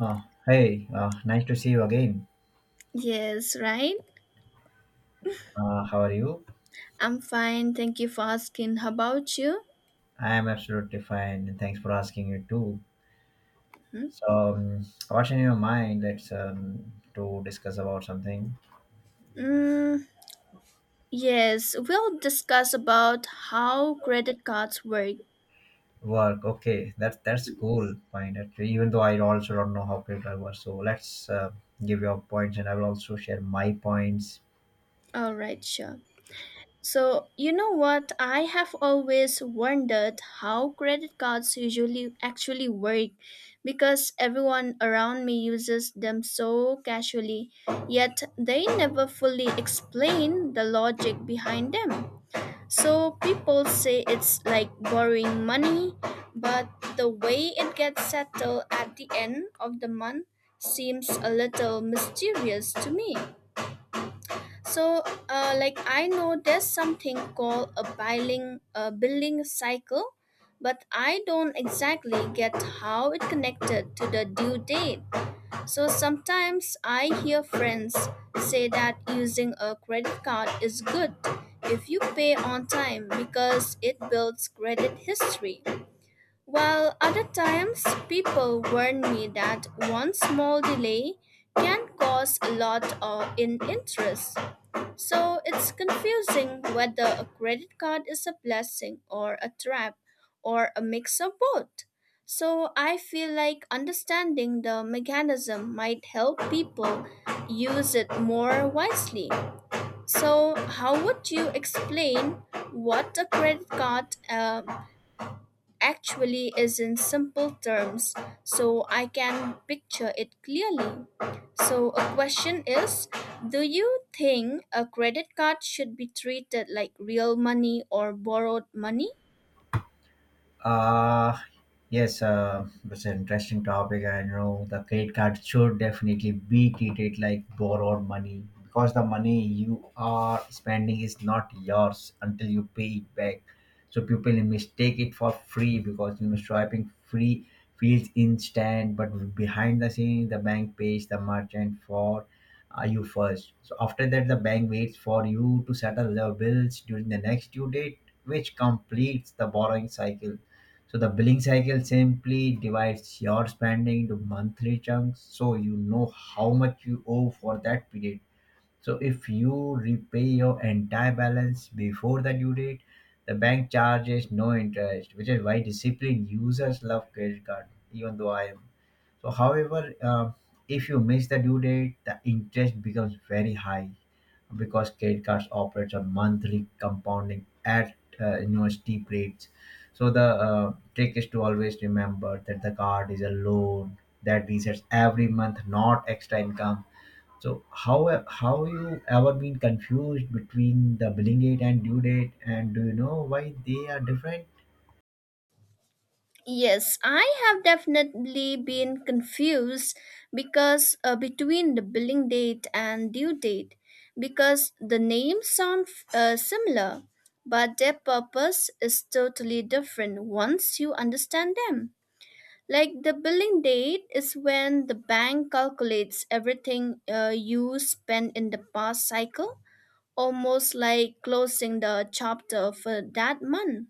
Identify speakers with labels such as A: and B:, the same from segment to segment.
A: Hey, nice to see you again.
B: Yes, right.
A: How are you?
B: I'm fine. Thank you for asking. How about you?
A: I am absolutely fine. And Thanks for asking you too.
B: Hmm?
A: So, what's in your mind? Let's to discuss about something.
B: Mm, yes, we'll discuss about how credit cards work.
A: Work. Okay, that's cool. Fine. Actually, even though I also don't know how people work, so let's give your points, and I will also share my points.
B: All right, sure. So, you know what? I have always wondered how credit cards usually actually work because everyone around me uses them so casually, yet they never fully explain the logic behind them. So people say it's like borrowing money, but the way it gets settled at the end of the month seems a little mysterious to me. So, I know there's something called a billing cycle, but I don't exactly get how it connected to the due date. So sometimes I hear friends say that using a credit card is good if you pay on time because it builds credit history. While other times people warn me that one small delay can cause a lot of in interest. So it's confusing whether a credit card is a blessing or a trap or a mix of both. So I feel like understanding the mechanism might help people use it more wisely. So, how would you explain what a credit card actually is in simple terms so I can picture it clearly. So, a question is: do you think a credit card should be treated like real money or borrowed money?
A: Uh, yes, it's an interesting topic. I know the credit card should definitely be treated like borrowed money because the money you are spending is not yours until you pay it back. So people mistake it for free because you know swiping free feels instant, but behind the scene, the bank pays the merchant for you first. So after that, the bank waits for you to settle the bills during the next due date, which completes the borrowing cycle. So the billing cycle simply divides your spending into monthly chunks so you know how much you owe for that period. So if you repay your entire balance before the due date, the bank charges no interest, which is why disciplined users love credit card, even though I am. So however, if you miss the due date, the interest becomes very high because credit cards operates on monthly compounding at you know steep rates. So the trick is to always remember that the card is a loan that resets every month, not extra income. So how you ever been confused between the billing date and due date, and do you know why they are different?
B: Yes, I have definitely been confused because between the billing date and due date because the names sound similar, but their purpose is totally different once you understand them. Like, the billing date is when the bank calculates everything you spent in the past cycle, almost like closing the chapter for that month.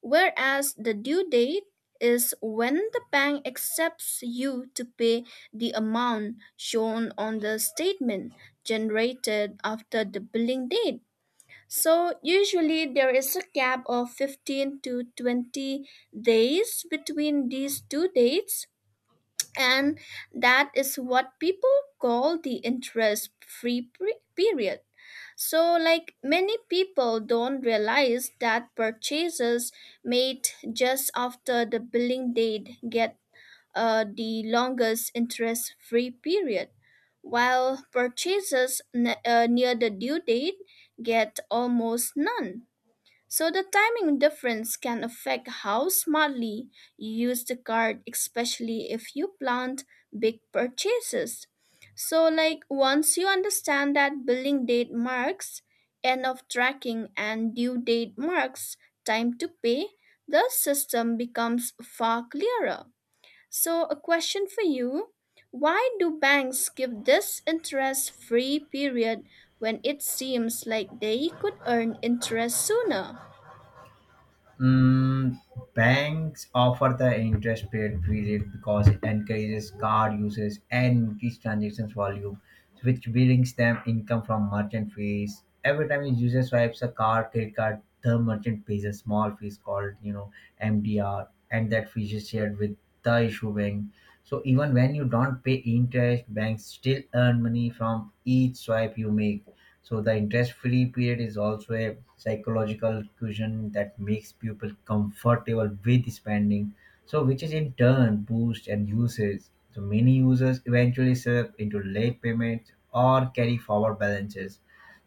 B: Whereas the due date is when the bank accepts you to pay the amount shown on the statement generated after the billing date. So usually there is a gap of 15 to 20 days between these two dates, and that is what people call the interest free period. So like, many people don't realize that purchases made just after the billing date get the longest interest free period, while purchases near the due date get almost none. So the timing difference can affect how smartly you use the card, especially if you plan big purchases. So like, once you understand that billing date marks end of tracking and due date marks time to pay, the system becomes far clearer. So a question for you: why do banks give this interest free period when it seems like they could earn interest sooner?
A: Mm, banks offer the interest paid period because it encourages card usage and increased transactions volume, which brings them income from merchant fees. Every time a user swipes a card, credit card, the merchant pays a small fees called you know MDR, and that fee is shared with the issue bank. So even when you don't pay interest, banks still earn money from each swipe you make. So the interest-free period is also a psychological cushion that makes people comfortable with spending. So which is in turn boosts and uses. So many users eventually slip into late payments or carry forward balances.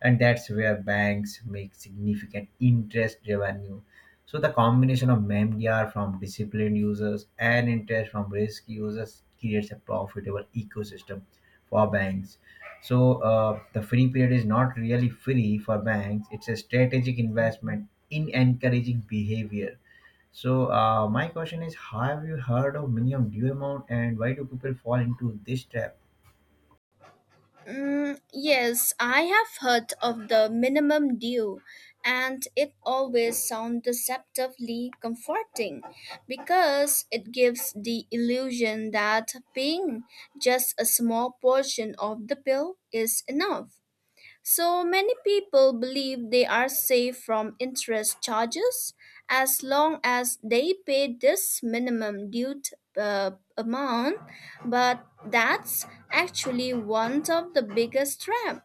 A: And that's where banks make significant interest revenue. So the combination of MDR from disciplined users and interest from risky users creates a profitable ecosystem for banks. So the free period is not really free for banks. It's a strategic investment in encouraging behavior. So my question is, have you heard of minimum due amount and why do people fall into this trap?
B: Mm, yes, I have heard of the minimum due, and it always sounds deceptively comforting because it gives the illusion that paying just a small portion of the bill is enough. So many people believe they are safe from interest charges as long as they pay this minimum due amount, but that's actually one of the biggest traps.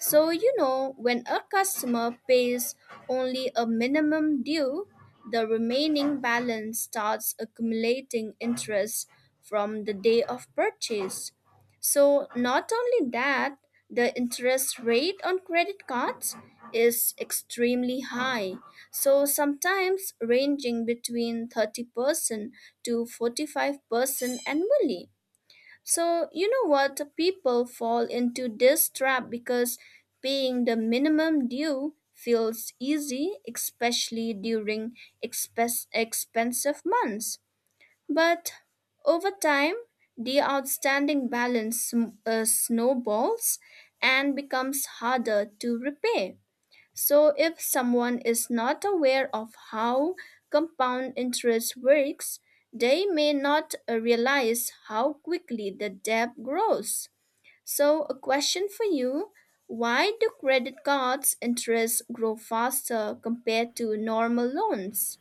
B: So, you know, when a customer pays only a minimum due, the remaining balance starts accumulating interest from the day of purchase. So, not only that, the interest rate on credit cards is extremely high. So, sometimes ranging between 30% to 45% annually. So, you know what? People fall into this trap because paying the minimum due feels easy, especially during expensive months. But over time, the outstanding balance snowballs and becomes harder to repay. So, if someone is not aware of how compound interest works, they may not realize how quickly the debt grows. So, a question for you: why do credit cards' interest grow faster compared to normal loans?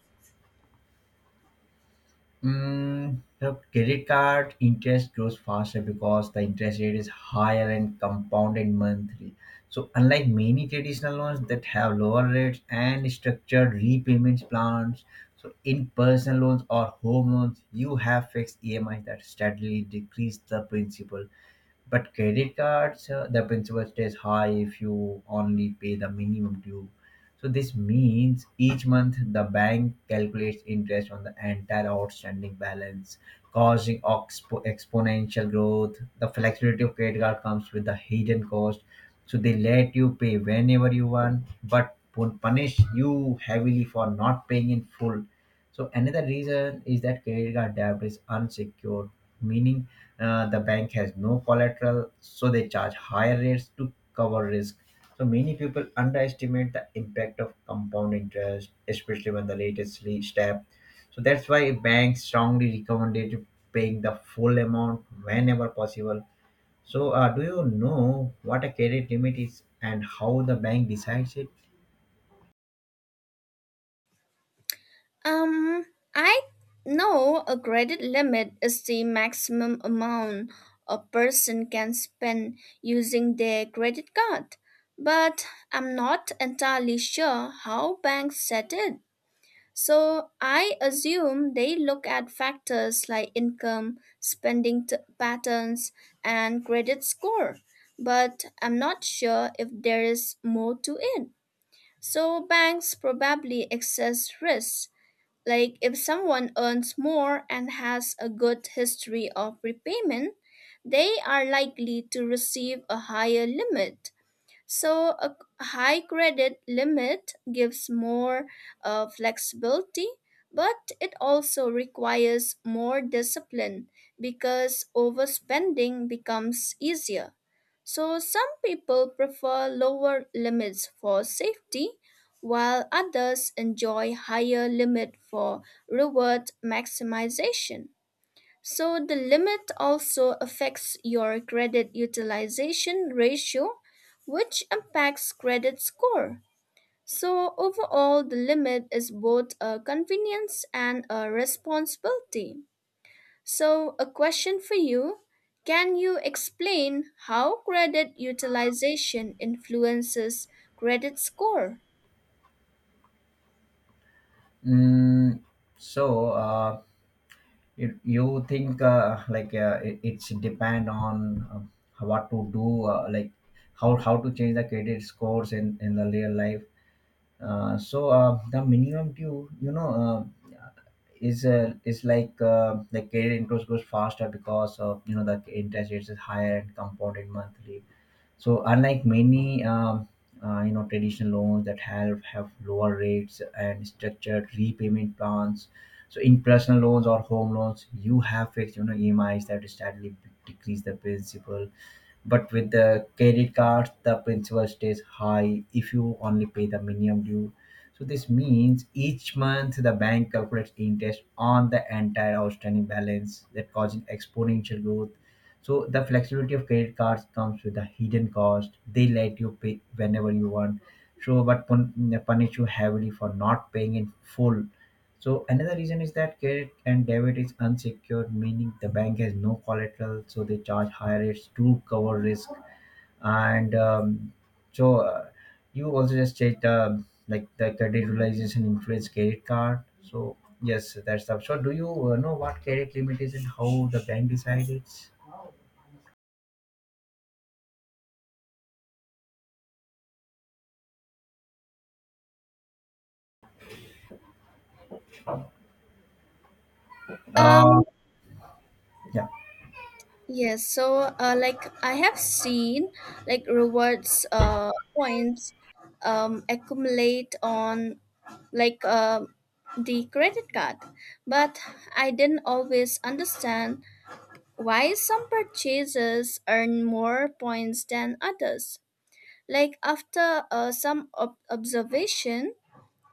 A: Mm, the credit card interest grows faster because the interest rate is higher and compounded monthly. So, unlike many traditional loans that have lower rates and structured repayment plans, so in personal loans or home loans, you have fixed EMIs that steadily decrease the principal. But credit cards, the principal stays high if you only pay the minimum due. So this means each month the bank calculates interest on the entire outstanding balance, causing exponential growth. The flexibility of credit card comes with the hidden cost. So they let you pay whenever you want, but won't punish you heavily for not paying in full. So another reason is that credit card debt is unsecured, meaning the bank has no collateral, so they charge higher rates to cover risk. So many people underestimate the impact of compound interest, especially when the latest step. So that's why banks strongly recommended paying the full amount whenever possible. So do you know what a credit limit is and how the bank decides it?
B: Um, I know a credit limit is the maximum amount a person can spend using their credit card, but I'm not entirely sure how banks set it. So I assume they look at factors like income, patterns, and credit score, but I'm not sure if there is more to it. So banks probably assess risk. Like, if someone earns more and has a good history of repayment, they are likely to receive a higher limit. So, a high credit limit gives more flexibility, but it also requires more discipline because overspending becomes easier. So, some people prefer lower limits for safety, while others enjoy higher limit for reward maximization. So the limit also affects your credit utilization ratio, which impacts credit score. So overall, the limit is both a convenience and a responsibility. So a question for you: can you explain how credit utilization influences credit score?
A: Mm, so you think it's depend on what to do uh, like how to change the credit scores in the real life, so the minimum due, you know, is like the credit interest goes faster because of you know the interest rates is higher and compounded monthly. So unlike many you know traditional loans that have lower rates and structured repayment plans, so in personal loans or home loans, you have fixed you know EMIs that steadily decrease the principal but with the credit cards, the principal stays high if you only pay the minimum due. So this means each month the bank calculates interest on the entire outstanding balance that causes exponential growth. So the flexibility of credit cards comes with a hidden cost. They let you pay whenever you want. So but punish you heavily for not paying in full. So another reason is that credit and debit is unsecured, meaning the bank has no collateral, so they charge higher rates to cover risk. And so you also just said like the credit realization influence credit card. So yes, that's up. So do you know what credit limit is and how the bank decides? Uh,
B: Um,
A: yeah.
B: Yes, so I have seen like rewards points accumulate on like uh, the credit card, but I didn't always understand why some purchases earn more points than others. Like, after some observation,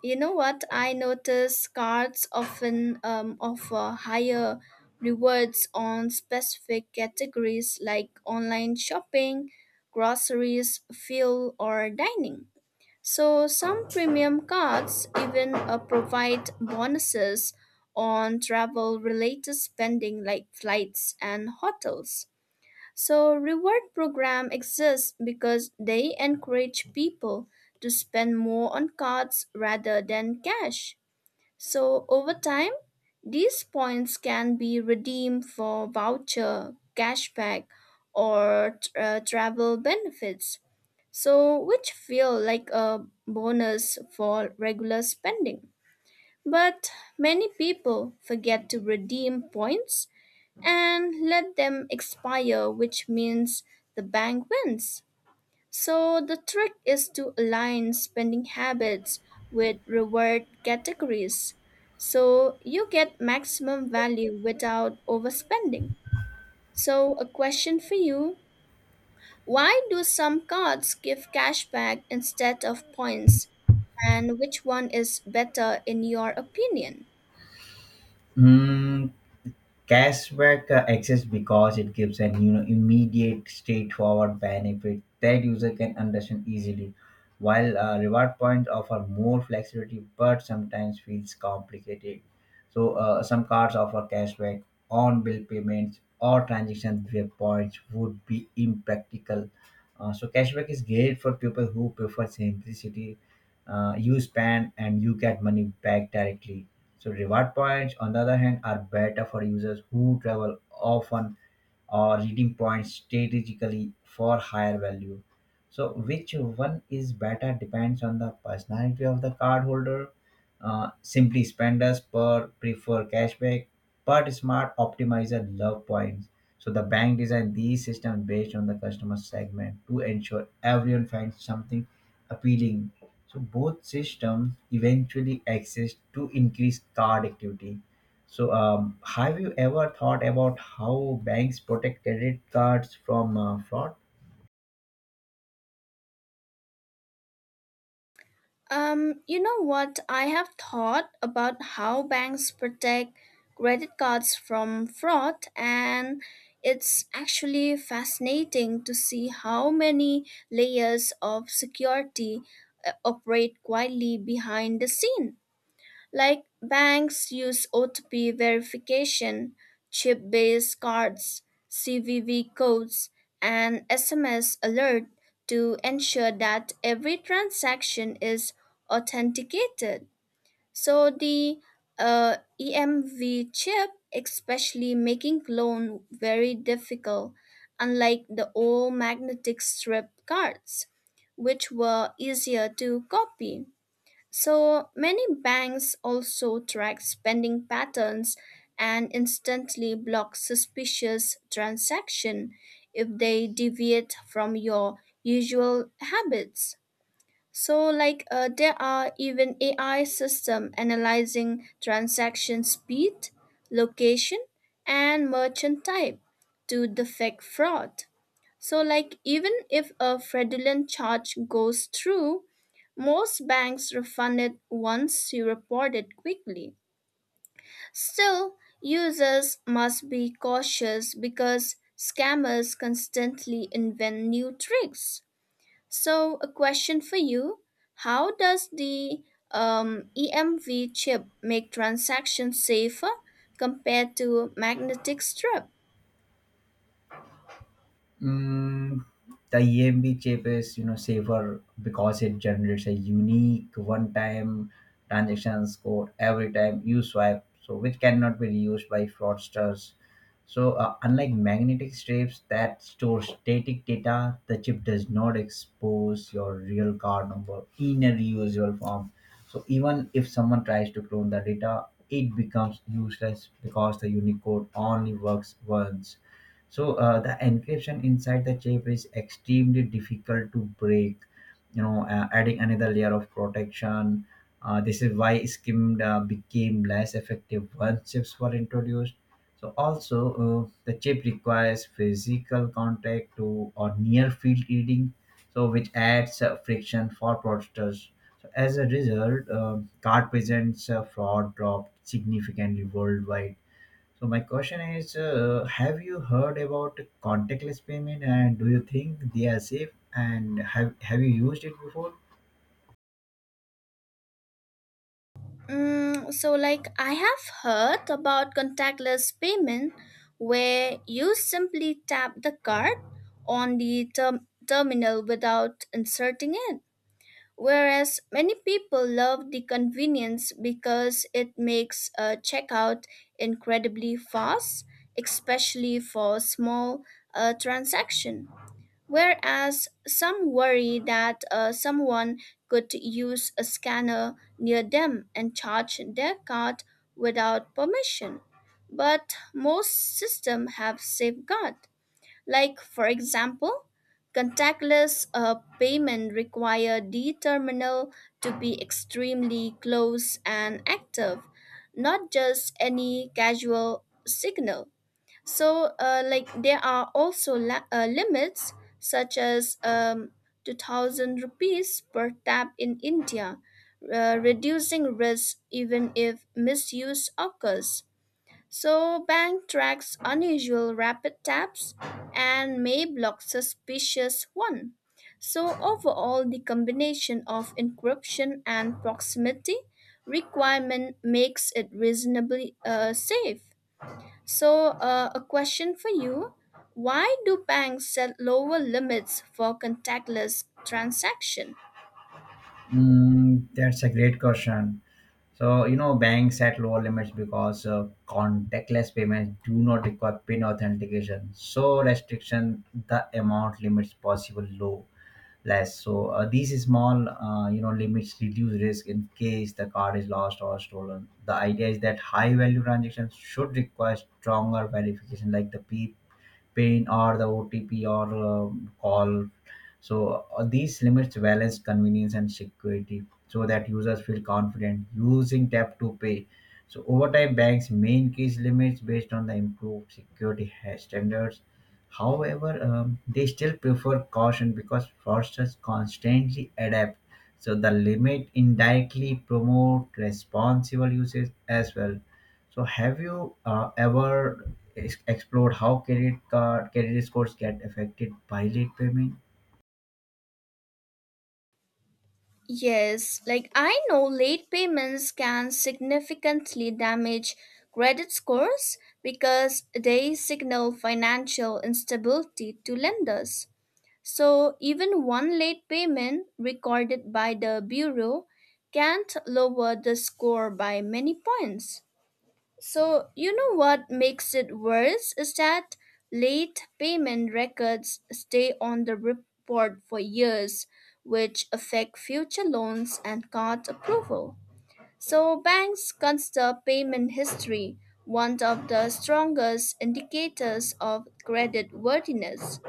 B: you know what? I notice cards often offer higher rewards on specific categories like online shopping, groceries, fuel, or dining. So, some premium cards even provide bonuses on travel related spending like flights and hotels. So, reward program exists because they encourage people to spend more on cards rather than cash. So, over time, these points can be redeemed for voucher, cashback, or travel benefits. So, which feel like a bonus for regular spending. But many people forget to redeem points and let them expire, which means the bank wins. So the trick is to align spending habits with reward categories. So you get maximum value without overspending. So a question for you: why do some cards give cashback instead of points? And which one is better in your opinion?
A: Mm, cashback exists because it gives an you know immediate, straightforward benefit that user can understand easily, while reward points offer more flexibility but sometimes feels complicated. So some cards offer cashback on bill payments or transactions where points would be impractical. So cashback is great for people who prefer simplicity. You spend and you get money back directly. So reward points, on the other hand, are better for users who travel often or redeem points strategically for higher value. So which one is better depends on the personality of the cardholder. Simply spenders per prefer cashback, but smart optimizer love points. So the bank designed these systems based on the customer segment to ensure everyone finds something appealing. So both systems eventually exist to increase card activity. So have you ever thought about how banks protect credit cards from fraud?
B: You know what? I have thought about how banks protect credit cards from fraud, and it's actually fascinating to see how many layers of security operate quietly behind the scene. Like, banks use OTP verification, chip based cards, CVV codes, and SMS alert to ensure that every transaction is authenticated. So the EMV chip, especially making clone very difficult, unlike the old magnetic strip cards, which were easier to copy. So many banks also track spending patterns and instantly block suspicious transactions if they deviate from your usual habits. So there are even AI system analyzing transaction speed, location, and merchant type to detect fraud. So, like, even if a fraudulent charge goes through, most banks refund it once you report it quickly. Still, users must be cautious because scammers constantly invent new tricks. So, a question for you: how does the EMV chip make transactions safer compared to magnetic strip?
A: Mm, the EMB chip is, you know, safer because it generates a unique one-time transactions code every time you swipe, so which cannot be reused by fraudsters. So unlike magnetic strips that store static data, the chip does not expose your real card number in a reusable form. So even if someone tries to clone the data, it becomes useless because the unique code only works once. So the encryption inside the chip is extremely difficult to break, you know, adding another layer of protection. This is why scheme became less effective once chips were introduced. So also, the chip requires physical contact to or near field reading, so which adds friction for fraudsters. So as a result, card presents fraud dropped significantly worldwide. So my question is, have you heard about contactless payment and do you think they are safe and have you used it before?
B: Mm, so, like, I have heard about contactless payment where you simply tap the card on the terminal without inserting it. Whereas many people love the convenience because it makes a checkout incredibly fast, especially for small transaction. Whereas some worry that someone could use a scanner near them and charge their card without permission. But most systems have safeguard. Like, for example, contactless payment require the terminal to be extremely close and active, not just any casual signal. So, there are also limits such as 2000 rupees per tap in India, reducing risk even if misuse occurs. So, bank tracks unusual rapid taps and may block suspicious one. So, overall, the combination of encryption and proximity requirement makes it reasonably safe. So, a question for you: why do banks set lower limits for contactless transaction?
A: Mm, that's a great question. So, you know, banks set lower limits because contactless payments do not require PIN authentication. So, restriction the amount limits possible low less. So, these small, you know, limits reduce risk in case the card is lost or stolen. The idea is that high value transactions should require stronger verification, like the PIN or the OTP or call. So these limits balance convenience and security so that users feel confident using tap to pay. So over time, banks may increase limits based on the improved security standards. However, they still prefer caution because fraudsters constantly adapt. So the limit indirectly promote responsible usage as well. So, have you ever explored how credit card credit scores get affected by late payment?
B: Yes, like, I know late payments can significantly damage credit scores because they signal financial instability to lenders. So, even one late payment recorded by the bureau can't lower the score by many points. So, you know what makes it worse is that late payment records stay on the report for years, which affect future loans and card approval. So, banks consider payment history one of the strongest indicators of credit worthiness.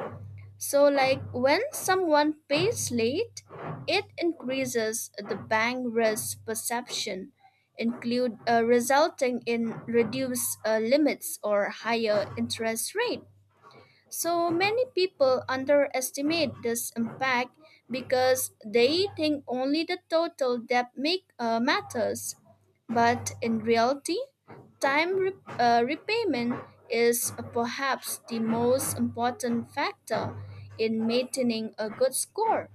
B: So, like, when someone pays late, it increases the bank risk perception, include resulting in reduced limits or higher interest rate. So many people underestimate this impact because they think only the total debt matters. But in reality, time repayment is perhaps the most important factor in maintaining a good score.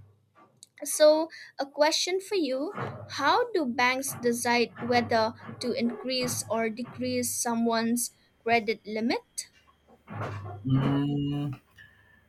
B: So, a question for you: how do banks decide whether to increase or decrease someone's credit limit?
A: Mm,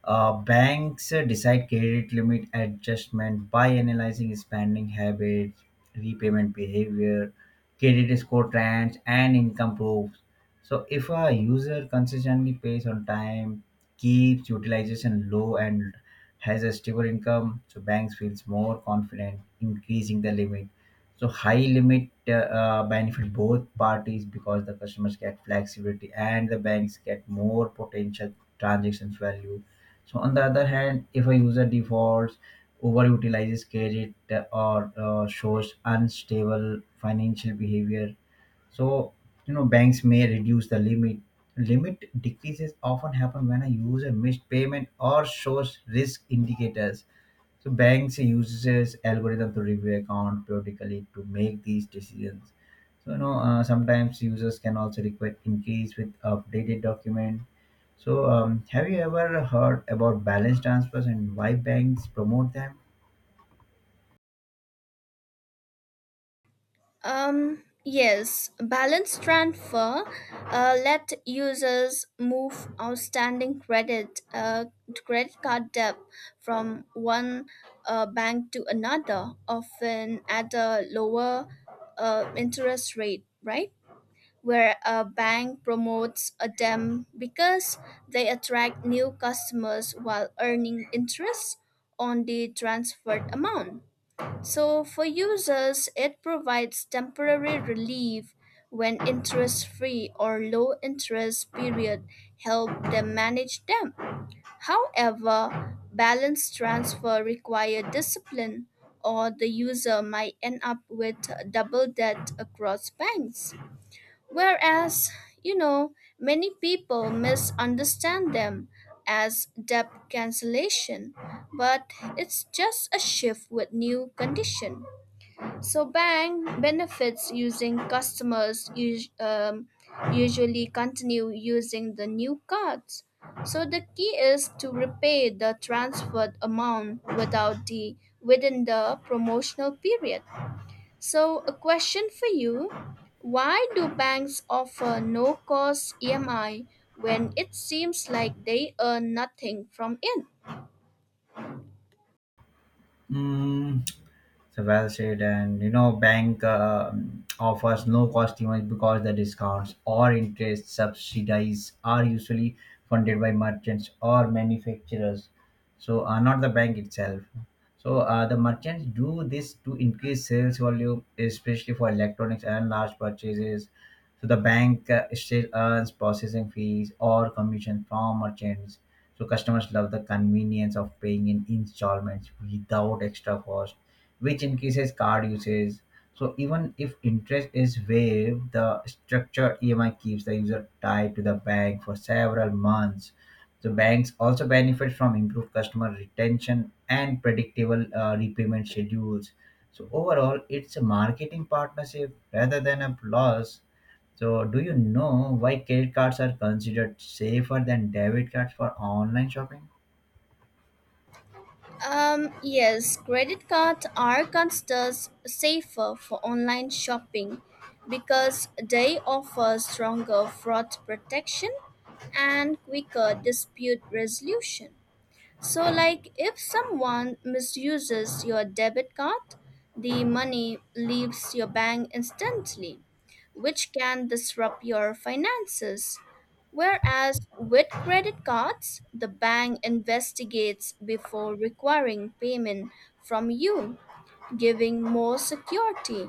A: banks decide credit limit adjustment by analyzing spending habits, repayment behavior, credit score trends, and income proofs. So, if a user consistently pays on time, keeps utilization low, and has a stable income, so banks feels more confident increasing the limit. So, high limit benefit both parties because the customers get flexibility and the banks get more potential transactions value. So on the other hand, if a user defaults, overutilizes credit, or shows unstable financial behavior, so you know banks may reduce the limit. Limit decreases often happen when a user missed payment or shows risk indicators. So banks uses algorithm to review account periodically to make these decisions. So you know sometimes users can also request increase with updated document. So have you ever heard about balance transfers and why banks promote them?
B: Yes, balance transfer let users move outstanding credit card debt from one bank to another, often at a lower interest rate, right? Where a bank promotes a them because they attract new customers while earning interest on the transferred amount. So, for users, it provides temporary relief when interest free or low interest period help them manage them. However, balance transfer require discipline or the user might end up with double debt across banks. Whereas, you know, many people misunderstand them as debt cancellation, but it's just a shift with new condition. So bank benefits using customers usually continue using the new cards. So the key is to repay the transferred amount without the within the promotional period. So a question for you: why do banks offer no cost EMI when it seems like they earn nothing from it?
A: Hmm. Well said. And you know, bank offers no cost even because the discounts or interest subsidies are usually funded by merchants or manufacturers. So not the bank itself. So the merchants do this to increase sales volume, especially for electronics and large purchases. So the bank still earns processing fees or commission from merchants. So customers love the convenience of paying in installments without extra cost which increases card usage. So even if interest is waived, the structured EMI keeps the user tied to the bank for several months. So banks also benefit from improved customer retention and predictable repayment schedules. So overall, it's a marketing partnership rather than a loss. So do you know why credit cards are considered safer than debit cards for online shopping?
B: Yes, credit cards are considered safer for online shopping because they offer stronger fraud protection and quicker dispute resolution. So, like, if someone misuses your debit card, the money leaves your bank instantly, which can disrupt your finances. Whereas with credit cards, the bank investigates before requiring payment from you, giving more security.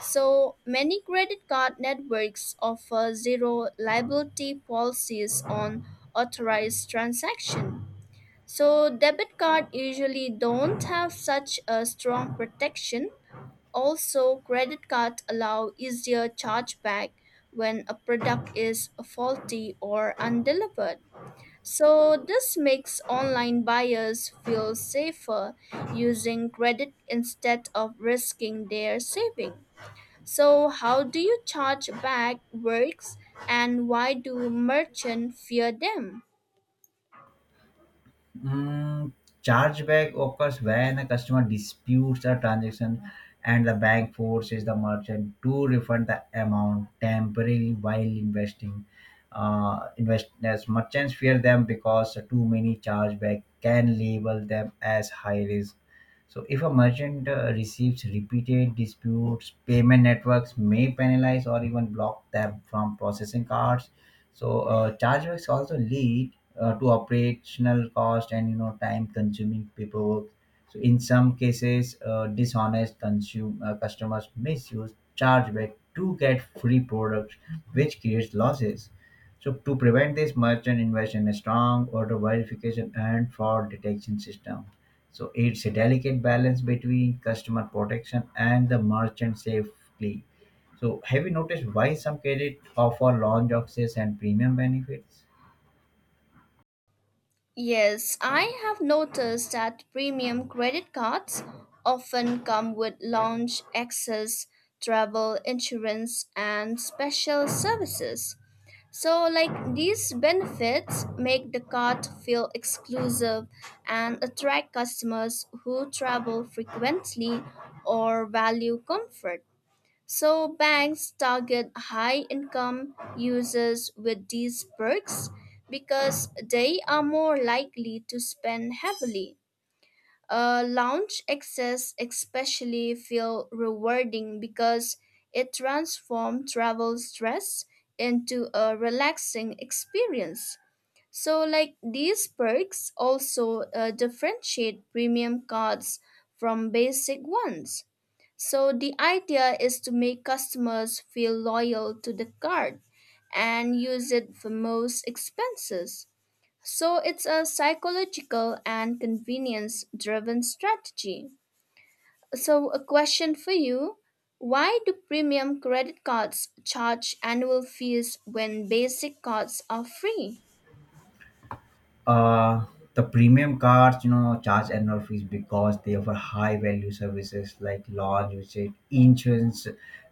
B: So, many credit card networks offer zero liability policies on authorized transactions. So debit card usually don't have such a strong protection. Also, credit card allow easier chargeback when a product is faulty or undelivered. So this makes online buyers feel safer using credit instead of risking their saving. So how do you charge back works, and why do merchants fear them?
A: Mm, chargeback occurs when a customer disputes a transaction and the bank forces the merchant to refund the amount temporarily while investing. Investors merchants fear them because too many chargeback can label them as high risk. So, if a merchant receives repeated disputes, payment networks may penalize or even block them from processing cards. So chargebacks also lead to operational cost and you know time-consuming paperwork. So in some cases, dishonest consume customers misuse chargeback to get free products, which creates losses. So to prevent this, merchant invest in a strong order verification and fraud detection system. So it's a delicate balance between customer protection and the merchant safely. So, have you noticed why some credit offer lounge access and premium benefits?
B: Yes, I have noticed that premium credit cards often come with lounge access, travel insurance, and special services. So, like, these benefits make the card feel exclusive and attract customers who travel frequently or value comfort. So banks target high income users with these perks because they are more likely to spend heavily. Lounge access especially feel rewarding because it transforms travel stress into a relaxing experience. So, like, these perks also differentiate premium cards from basic ones. So, the idea is to make customers feel loyal to the card and use it for most expenses. So, it's a psychological and convenience driven strategy. So, a question for you: why do premium credit cards charge annual fees when basic cards are free?
A: Uh, the premium cards, you know, charge annual fees because they offer high value services like lounge visit, insurance,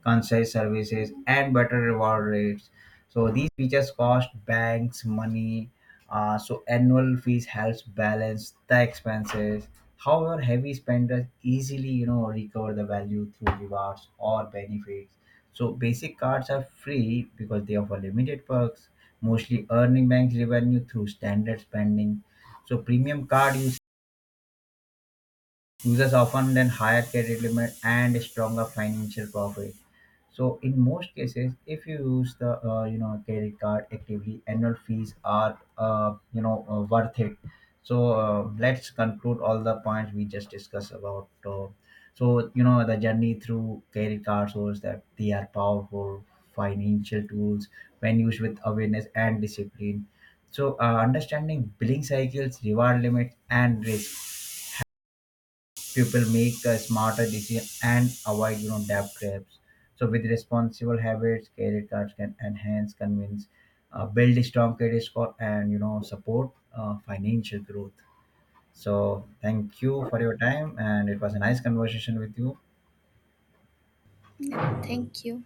A: concierge services, and better reward rates. So these features cost banks money. So annual fees helps balance the expenses. However, heavy spenders easily, you know, recover the value through rewards or benefits. So basic cards are free because they offer limited perks, mostly earning banks revenue through standard spending. So premium card you users often then higher credit limit and stronger financial profit. So in most cases, if you use the you know credit card actively, annual fees are you know worth it. So let's conclude all the points we just discussed about. So you know the journey through credit card shows that they are powerful financial tools when used with awareness and discipline. So understanding billing cycles, reward limits, and risk people make smarter decisions and avoid you know debt traps. So with responsible habits credit cards can enhance convince, build a strong credit score and you know support financial growth. So thank you for your time and it was a nice conversation with you.
B: Thank you.